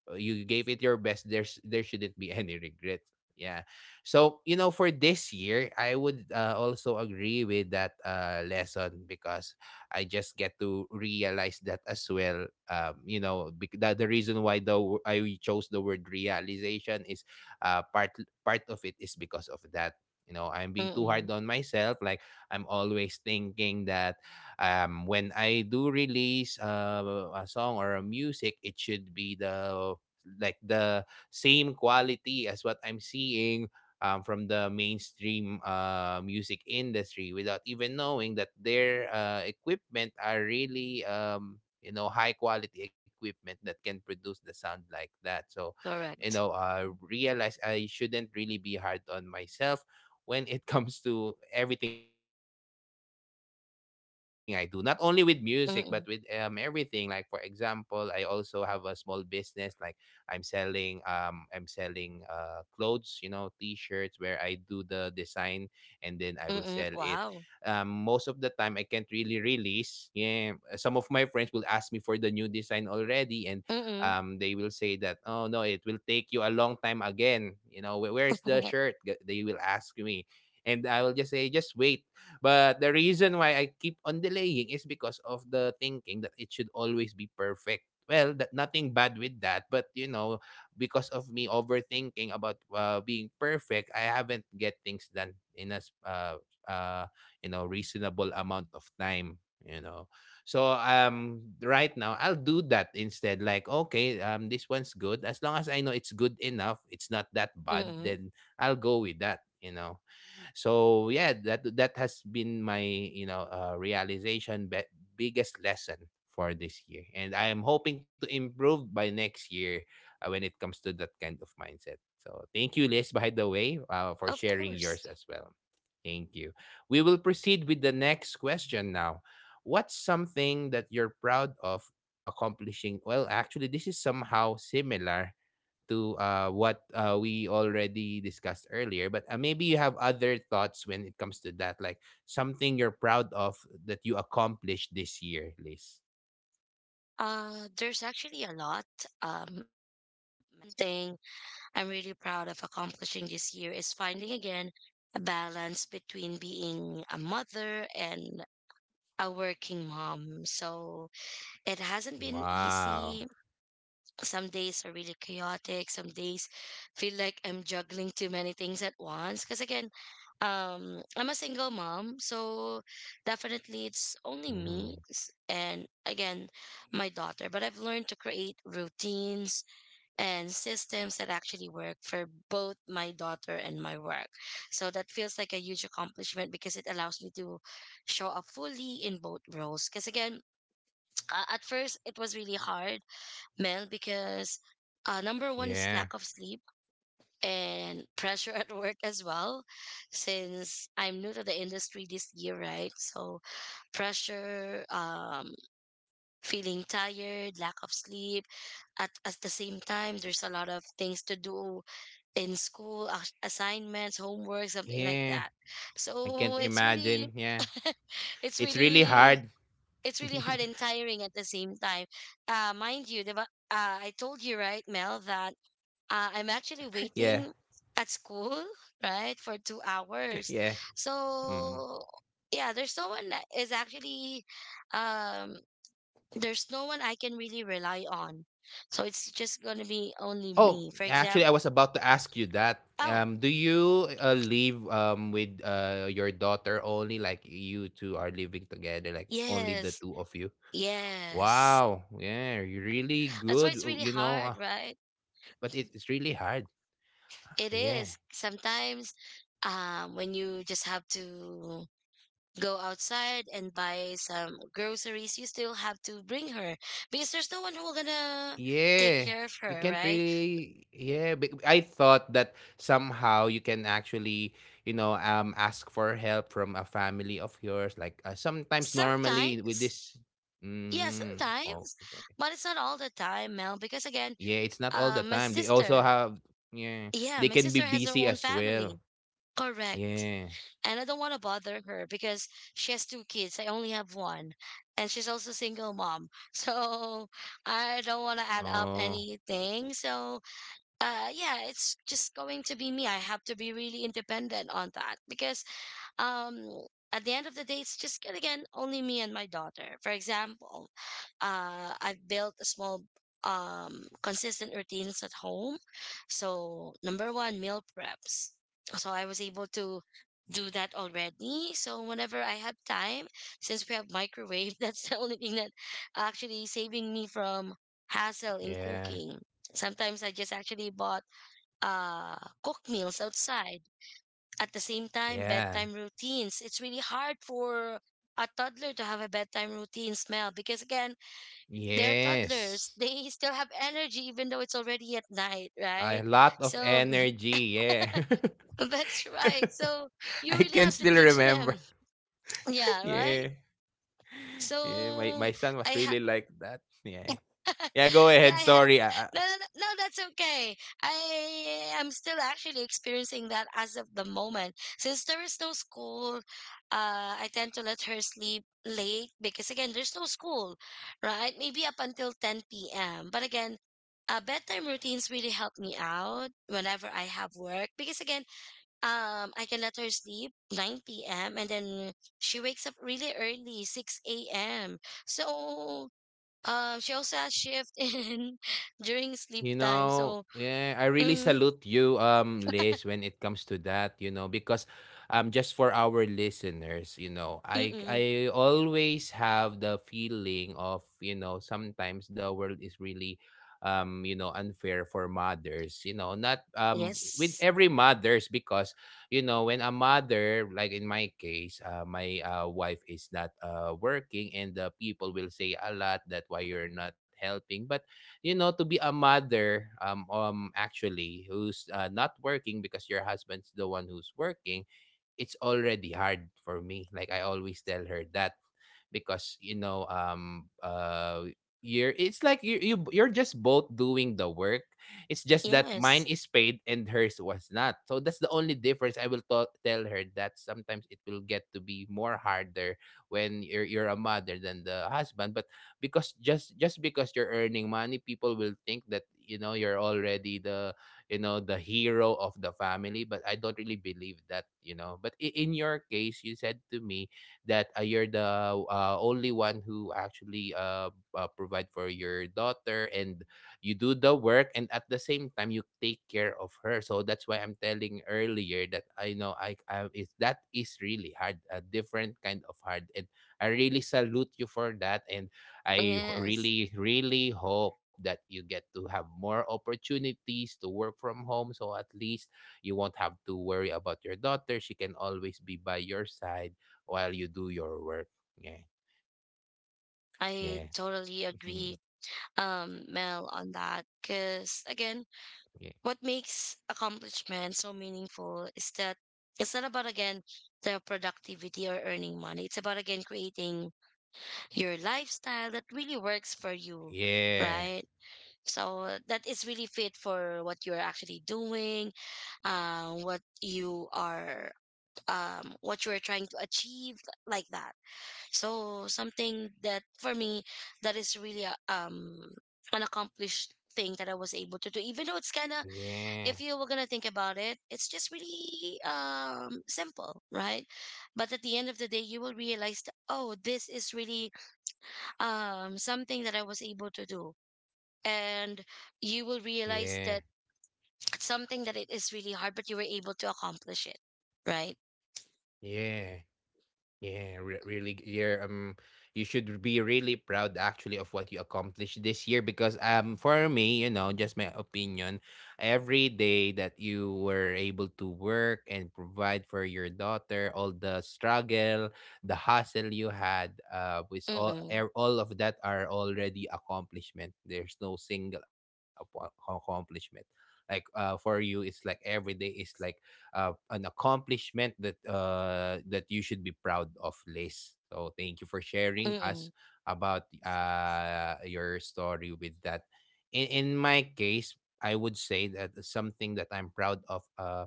A: Uh, you gave it your best. There's there shouldn't be any regret, yeah. So, you know, for this year I would also agree with that lesson because I just get to realize that as well. Um, that the reason why I chose the word realization is, uh, part part of it is because of that, you know. I'm being too
B: Mm,
A: hard on myself, like I'm always thinking that, when I do release a song or a music, it should be the like the same quality as what I'm seeing, from the mainstream music industry, without even knowing that their equipment are really, you know, high quality equipment that can produce the sound like that. So, you know,
B: correct.
A: realize I shouldn't really be hard on myself when it comes to everything I do, not only with music, but with everything. Like for example, I
B: Mm,
A: also have a small business. Like I'm selling, clothes, you know, t-shirts where I do the design and then I will sell it. Most
B: mm.
A: of the time,
B: Wow.
A: I can't really release. Yeah, some of my friends will ask me for the new design already, and they will say
B: Mm,
A: that, "Oh no, it will take you a long time again. You know, where's the shirt?
B: mm.
A: They will ask me, and I will just say just wait. But the reason why I keep on delaying is because of the thinking that it should always be perfect. Well, that nothing bad with that, but you know, because of me overthinking about being perfect, I haven't get things done in a you know, reasonable amount of time. You know, so right now I'll do that instead. Like okay, this one's good. As long as I know it's good enough, it's not that bad. Then I'll go with that, you know. So yeah, that has been my, you know, biggest lesson for this year. And I am hoping to improve by next year when it comes to that kind of mindset. So thank you, Liz, by the way, for
B: Of
A: sharing
B: course.
A: yours as well. Thank you. We will proceed with the next question now. What's something that you're proud of accomplishing? Well, actually, this is somehow similar to what we already discussed earlier. But maybe you have other thoughts when it comes to that, like something you're proud of that you accomplished this year, Liz.
B: There's actually a lot. Um, one thing I'm really proud of accomplishing this year is finding again a balance between being a mother and a working mom. So it hasn't been easy.
A: Wow.
B: Some days are really chaotic. Some days feel like I'm juggling too many things at once. Because again, I'm a single mom, so definitely it's only
A: Mhm.
B: and again my daughter. But I've learned to create routines and systems that actually work for both my daughter and my work. So that feels like a huge accomplishment because it allows me to show up fully in both roles. Because again, at first it was really hard, Mel, because number one is
A: Yeah.
B: lack of sleep and pressure at work as well. Since I'm new to the industry this year, right? So pressure, feeling tired, lack of sleep. At the same time, there's a lot of things to do in school, assignments, homework, something like
A: Yeah.
B: that.
A: I can't
B: So it's really,
A: imagine. Yeah.
B: it's
A: It's really
B: really
A: hard.
B: it's really hard and tiring at the same time. Mind you, diba, I told you, right, Mel, that I'm actually
A: yeah.
B: waiting at school, right, for 2 hours.
A: Yeah. Mm.
B: So, yeah, there's no one that is actually, um, there's no one I can really rely on. So it's just going to be only
A: Oh,
B: me. For
A: actually, I
B: example,
A: was about to ask you that.
B: oh,
A: Do you live with your daughter only? Like you two are living together, like only the
B: yes,
A: two of you?
B: yes.
A: Wow. Yeah, you're really
B: That's
A: good.
B: why
A: Uh,
B: it's
A: you
B: really
A: know,
B: hard, right?
A: but it's really hard.
B: It
A: Yeah.
B: is sometimes, when you just have to go outside and buy some groceries, you still have to bring her because there's no one who will gonna take
A: Yeah.
B: care of
A: You
B: her,
A: can't
B: right?
A: really, yeah, but I thought that somehow you can actually, you know, ask for help from a family of yours, like sometimes normally with
B: Sometimes,
A: this,
B: yeah,
A: mm,
B: sometimes,
A: okay.
B: but it's not all the time, Mel. Because again,
A: Yeah, it's not all the time.
B: my
A: They also
B: sister,
A: have, yeah,
B: yeah,
A: they
B: my
A: can be
B: sister has her
A: busy
B: own
A: as well.
B: family. Correct.
A: Yeah.
B: And I don't want to bother her because she has two kids. I only have one, and she's also single mom. So I don't want to add up
A: Oh,
B: anything. So yeah, it's just going to be me. I have to be really independent on that because um at the end of the day, it's just gonna, again, only me and my daughter. For example, I've built a small consistent routines at home. So number one, meal preps. So I was able to do that already, so whenever I have time, since we have microwave that's the only thing that actually saving me from hassle in
A: yeah.
B: cooking. Sometimes I just actually bought uh cooked meals outside. At the same time,
A: Yeah.
B: bedtime routines, it's really hard for a toddler to have a bedtime routine, smell, because again, they're
A: Yes.
B: toddlers, they still have energy even though it's already at night,
A: A
B: right?
A: lot of
B: So
A: energy, yeah.
B: that's right. So you
A: I
B: really
A: can
B: have to
A: still
B: teach them.
A: remember.
B: Yeah, right.
A: Yeah.
B: so
A: Yeah, my son was
B: i ha-
A: really like that. Yeah. Yeah, go
B: Yeah,
A: ahead.
B: I have.
A: Sorry. I,
B: No, no, no, no, that's okay. I am still actually experiencing that as of the moment. Since there is no school, I tend to let her sleep late because, again, there's no school, right? Maybe up until 10 p.m. But again, bedtime routines really help me out whenever I have work because, again, I can let her sleep 9 p.m. and then she wakes up really early, 6 a.m. So she also has shift in during
A: you
B: sleep time.
A: know,
B: So,
A: yeah, I really
B: mm,
A: salute you, Liz, when it comes to that, you know, because just for our listeners, you know,
B: mm,
A: I always have the feeling of, you know, sometimes the world is really, you know, unfair for mothers, you know, not with
B: yes,
A: every mothers because, you know, when a mother, like in my case, my wife is not working, and the people will say a lot that why you're not helping. But you know, to be a mother, actually, who's not working because your husband's the one who's working, it's already hard for me. Like I always tell her that because you're it's like you you're just both doing the work. It's just that mine
B: yes,
A: is paid and hers was not, so that's the only difference. I will tell her that sometimes it will get to be more harder when you're a mother than the husband. But because just because you're earning money, people will think that you know you're already the you know the hero of the family, but I don't really believe that, you know. But in your case, you said to me that you're the only one who actually provide for your daughter and you do the work, and at the same time you take care of her. So that's why I'm telling earlier that I know I is that is really hard, a different kind of hard. And I really salute you for that. And I
B: yes.
A: really, really hope that you get to have more opportunities to work from home, so at least you won't have to worry about your daughter. She can always be by your side while you do your work. Yeah.
B: I
A: Yeah.
B: totally agree,
A: Yeah.
B: Mel, on that. Because again, what makes accomplishment so meaningful is that it's not about, again, the productivity or earning money. It's about, again, creating your lifestyle that really works for you,
A: Yeah.
B: right? So that is really fit for what you're actually doing, what you are, what you're trying to achieve, like that. So something that for me, that is really a, an accomplished thing that I was able to do, even though it's kind of,
A: Yeah.
B: if you were gonna think about it, it's just really simple, right? But at the end of the day, you will realize that, oh, this is really something that I was able to do. And you will realize
A: Yeah.
B: that it's something that it is really hard, but you were able to accomplish it, right?
A: Yeah. Yeah, re- really, g- you're You should be really proud actually of what you accomplished this year because for me, you know, just my opinion, every day that you were able to work and provide for your daughter, all the struggle, the hustle you had, with
B: Mm-mm.
A: all of that are already accomplishment. There's no single accomplishment. Like for you, it's like every day is like an accomplishment that that you should be proud of, Liz. So thank you for sharing us
B: Mm-mm.
A: about your story with that. In my case, I would say that something that I'm proud of.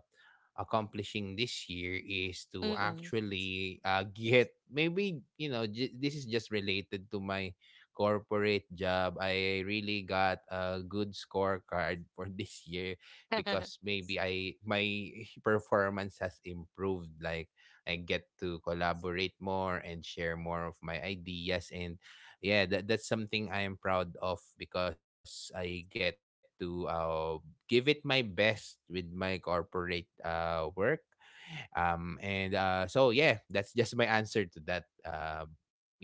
A: Accomplishing this year is to
B: Mm-mm.
A: actually get, maybe you know this is just related to my corporate job. I really got a good scorecard for this year because maybe I my performance has improved. Like I get to collaborate more and share more of my ideas. And yeah, that's something I am proud of because I get to give it my best with my corporate work. And so yeah, that's just my answer to that. Yeah.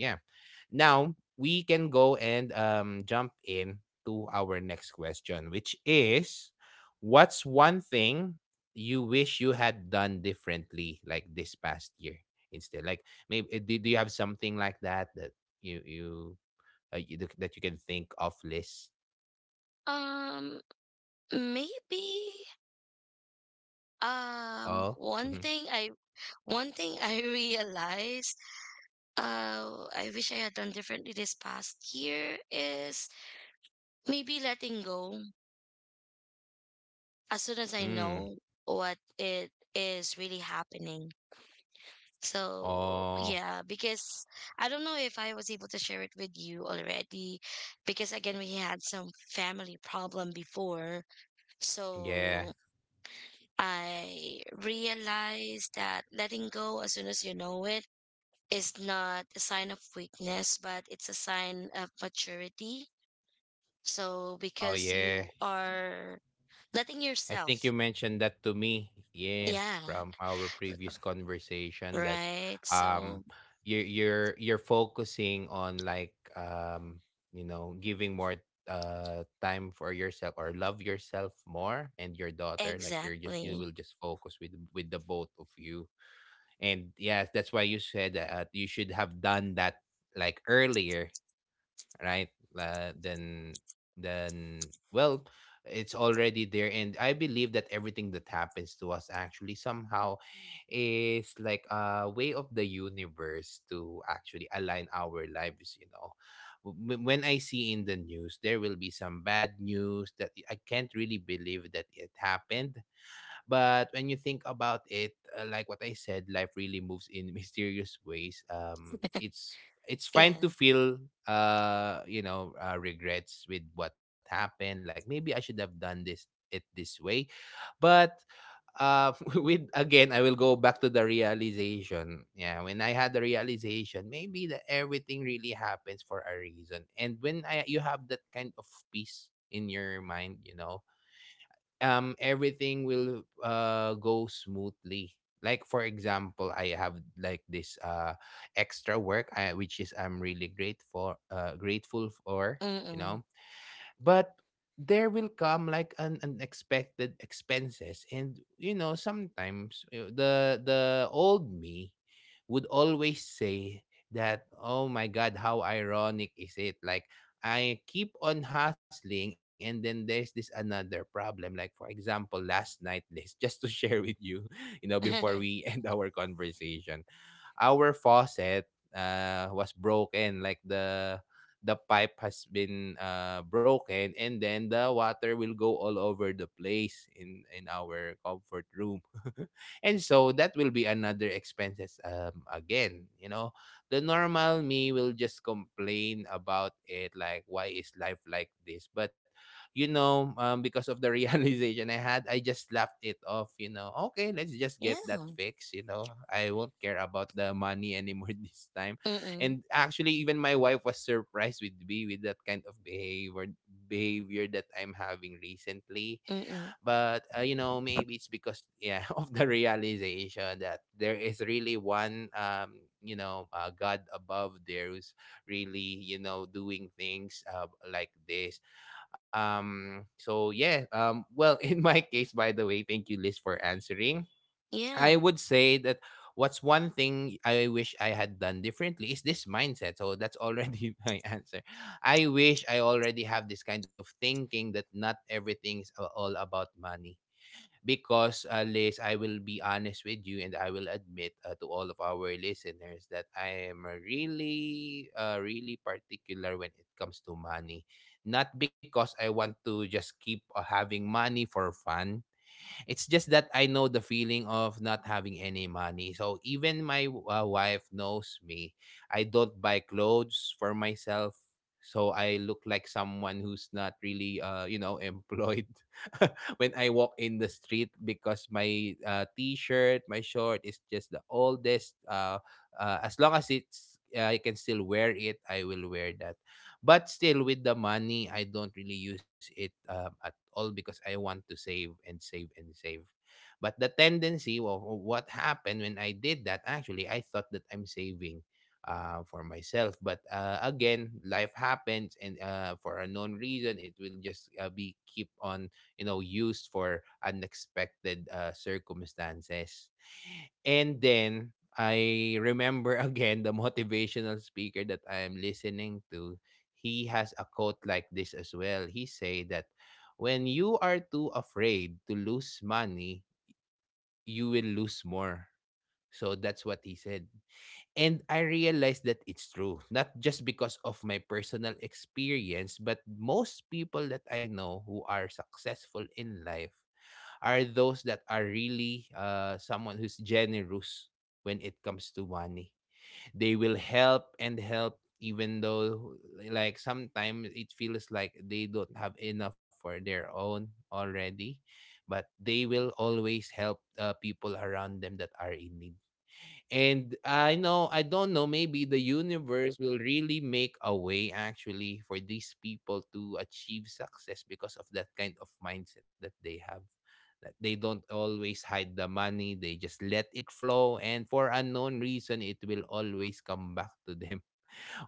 A: Now we can go and jump in to our next question, which is, what's one thing you wish you had done differently, like this past year instead? Like maybe do you have something like that that you you, that you can think of, Liz?
B: um, maybe um
A: Oh.
B: one thing
A: Mm-hmm.
B: I one thing I realized I wish I had done differently this past year is maybe letting go, as soon as I know
A: Mm.
B: what it is really happening. So,
A: Oh.
B: yeah, because I don't know if I was able to share it with you already, because again, we had some family problem before. So,
A: Yeah.
B: I realized that letting go as soon as you know it is not a sign of weakness, but it's a sign of maturity. So,
A: Oh
B: because
A: yeah.
B: you are letting
A: I think you
B: yourself,
A: mentioned that to me, yeah,
B: yeah,
A: from our previous conversation that
B: right?
A: um
B: So,
A: you're focusing on like you know giving more time for yourself, or love yourself more and your daughter, like you're just you
B: exactly.
A: will just focus with the both of you. And yes, that's why you said that you should have done that like earlier, right? Uh, then then well, it's already there, and I believe that everything that happens to us actually somehow is like a way of the universe to actually align our lives. You know, when I see in the news, there will be some bad news that I can't really believe that it happened. But when you think about it, like what I said, life really moves in mysterious ways. It's fine to
B: Yeah.
A: feel regrets with what happened. Like maybe I should have done this it this way. But with again I will go back to the realization. Yeah, when I had the realization, maybe that everything really happens for a reason. And when I you have that kind of peace in your mind, you know everything will go smoothly. Like for example, I have like this extra work which is I'm really grateful, grateful for, you
B: Mm-mm.
A: know. But there will come like an unexpected expenses, and you know sometimes the old me would always say that, oh my god, how ironic is it? Like I keep on hustling, and then there's this another problem. Like for example, last night, this just to share with you you know before we end our conversation, our faucet was broken. Like the pipe has been broken, and then the water will go all over the place in our comfort room. And so that will be another expenses, um, again, you know, the normal me will just complain about it, like why is life like this. But you know, because of the realization I had, I just laughed it off, you know. Okay, let's just get that
B: yeah.
A: fixed, you know. I won't care about the money anymore this time.
B: Mm-mm.
A: And actually, even my wife was surprised with me with that kind of behavior that I'm having recently.
B: Mm-mm.
A: But you know, maybe it's because yeah of the realization that there is really one you know God above there who's really you know doing things like this. So yeah, well, in my case, by the way, thank you, Liz, for answering. I
B: Yeah.
A: would say that what's one thing I wish I had done differently is this mindset. So that's already my answer. I wish I already have this kind of thinking that not everything's all about money. Because Liz, I will be honest with you, and I will admit to all of our listeners that I am really, really particular when it comes to money. Not because I want to just keep having money for fun. It's just that I know the feeling of not having any money. So even my wife knows me. I don't buy clothes for myself. So I look like someone who's not really, you know, employed when I walk in the street, because my t-shirt, my short is just the oldest. As long as it's, I can still wear it, I will wear that. But still, with the money, I don't really use it at all because I want to save and save and save. But the tendency of what happened when I did that, actually, I thought that I'm saving for myself. But again, life happens, and for a known reason, it will just be keep on, you know, used for unexpected circumstances. And then I remember again the motivational speaker that I am listening to. He has a quote like this as well. He say that when you are too afraid to lose money, you will lose more. So that's what he said. And I realized that it's true, not just because of my personal experience, but most people that I know who are successful in life are those that are really someone who's generous when it comes to money. They will help and help even though like sometimes it feels like they don't have enough for their own already, but they will always help people around them that are in need. And I know, I don't know, maybe the universe will really make a way actually for these people to achieve success because of that kind of mindset that they have. That they don't always hide the money, they just let it flow. And for unknown reason, it will always come back to them.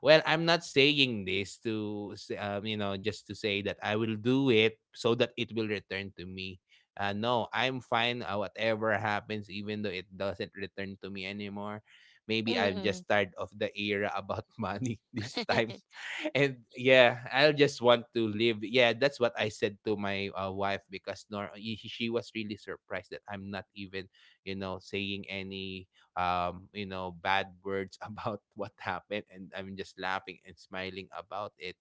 A: Well, I'm not saying this to, you know, just to say that I will do it so that it will return to me. No, I'm fine. Whatever happens, even though it doesn't return to me anymore, maybe I'm
B: Mm-mm.
A: just tired of the era about money this time. And yeah, I'll just want to live. Yeah, that's what I said to my wife because nor y- she was really surprised that I'm not even, you know, saying any you know, bad words about what happened. And I'm just laughing and smiling about it.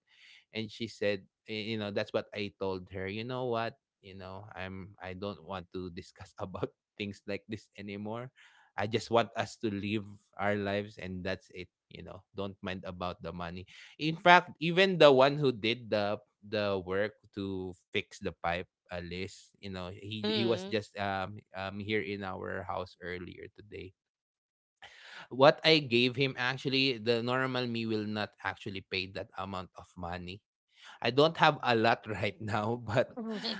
A: And she said, you know, that's what I told her. You know what? You know, I don't want to discuss about things like this anymore. I just want us to live our lives, and that's it. You know, don't mind about the money. In fact, even the one who did the work to fix the pipe you know, he was
B: mm.
A: just here in our house earlier today. What I gave him, actually, the normal me will not actually pay that amount of money. I don't have a lot right now, but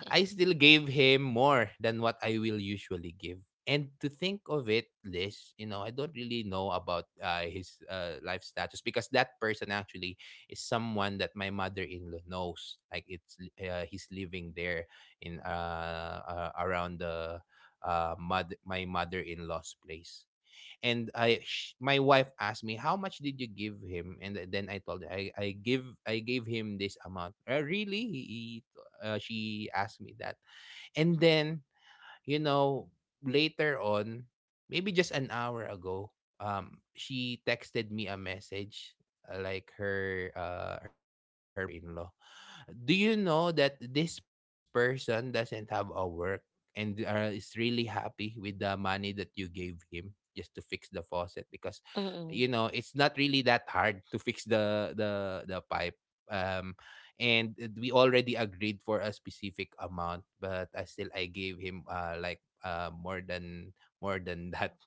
A: I still gave him more than what I will usually give. And to think of it, Liz, you know, I don't really know about his life status, because that person actually is someone that my mother-in-law knows. Like he's living there in around the mother my mother-in-law's place. And my wife asked me, how much did you give him? And then I told her I gave him this amount, really. He She asked me that, and then, you know later on, maybe just an hour ago, she texted me a message, like her her in-law. Do you know that this person doesn't have a work and is really happy with the money that you gave him just to fix the faucet? Because,
B: Mm-mm.
A: you know, it's not really that hard to fix the the pipe. Um and We already agreed for a specific amount, but I still I gave him, like, more than, more than that.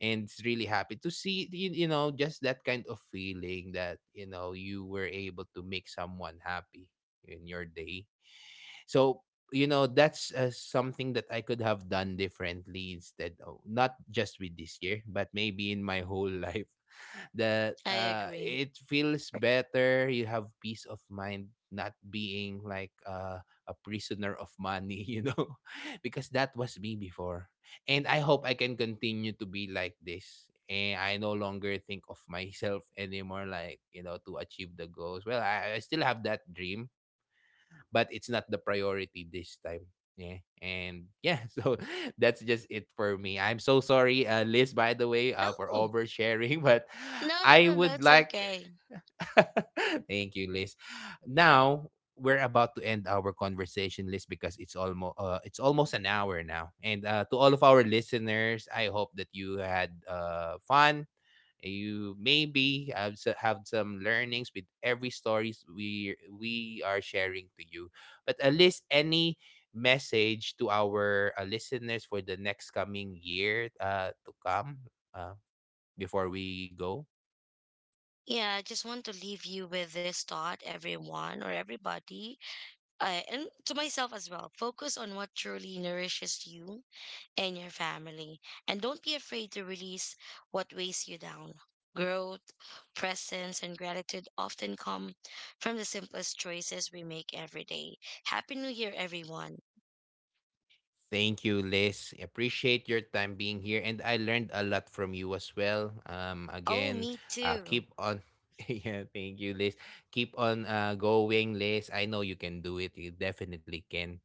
A: And it's really happy to see you, you know just that kind of feeling that, you know, you were able to make someone happy in your day. So, you know, that's something that I could have done differently, instead of not just with this year, but maybe in my whole life. That
B: I agree.
A: it feels better. You have peace of mind, not being like a prisoner of money, you know, because that was me before. And I hope I can continue to be like this. And I no longer think of myself anymore, like, you know, to achieve the goals. Well, I still have that dream, but it's not the priority this time. Yeah. And yeah, so that's just it for me. I'm so sorry, Liz, by the way, for
B: No.
A: oversharing, but
B: No, no,
A: I
B: no, that's
A: would like.
B: okay.
A: Thank you, Liz. Now we're about to end our conversation, Liz, because it's almost an hour now. And to all of our listeners, I hope that you had fun, you maybe have some learnings with every stories we are sharing to you. But at least any message to our listeners for the next coming year to come, uh, before we go.
B: Yeah, I just want to leave you with this thought, everyone or everybody, and to myself as well. Focus on what truly nourishes you and your family. And don't be afraid to release what weighs you down. Growth, presence, and gratitude often come from the simplest choices we make every day. Happy New Year, everyone.
A: Thank you, Liz. Appreciate your time being here, and I learned a lot from you as well.
B: Oh,
A: Again,
B: me too.
A: keep on. Yeah, thank you, Liz. Keep on, going, Liz. I know you can do it. You definitely can.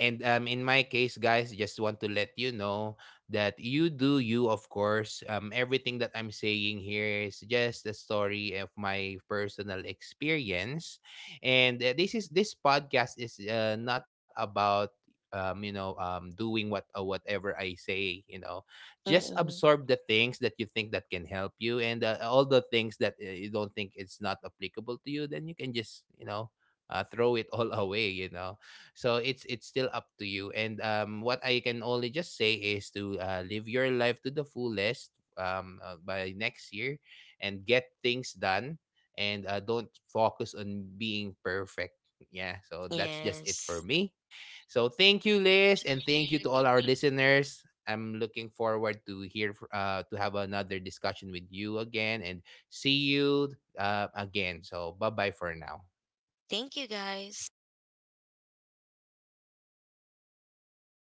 A: And in my case, guys, just want to let you know that you do you, of course. Everything that I'm saying here is just a story of my personal experience, and this podcast is not about, doing whatever I say. You know, just
B: Mm-mm.
A: absorb the things that you think that can help you, and all the things that you don't think it's not applicable to you. Then you can just, you know, throw it all away. You know, so it's still up to you. And what I can only just say is to live your life to the fullest, by next year, and get things done, and don't focus on being perfect. Yeah, so that's just it for
B: Yes.
A: me. So thank you, Liz, and thank you to all our listeners. I'm looking forward to hear to have another discussion with you again, and see you again. So bye bye for now.
B: Thank you, guys.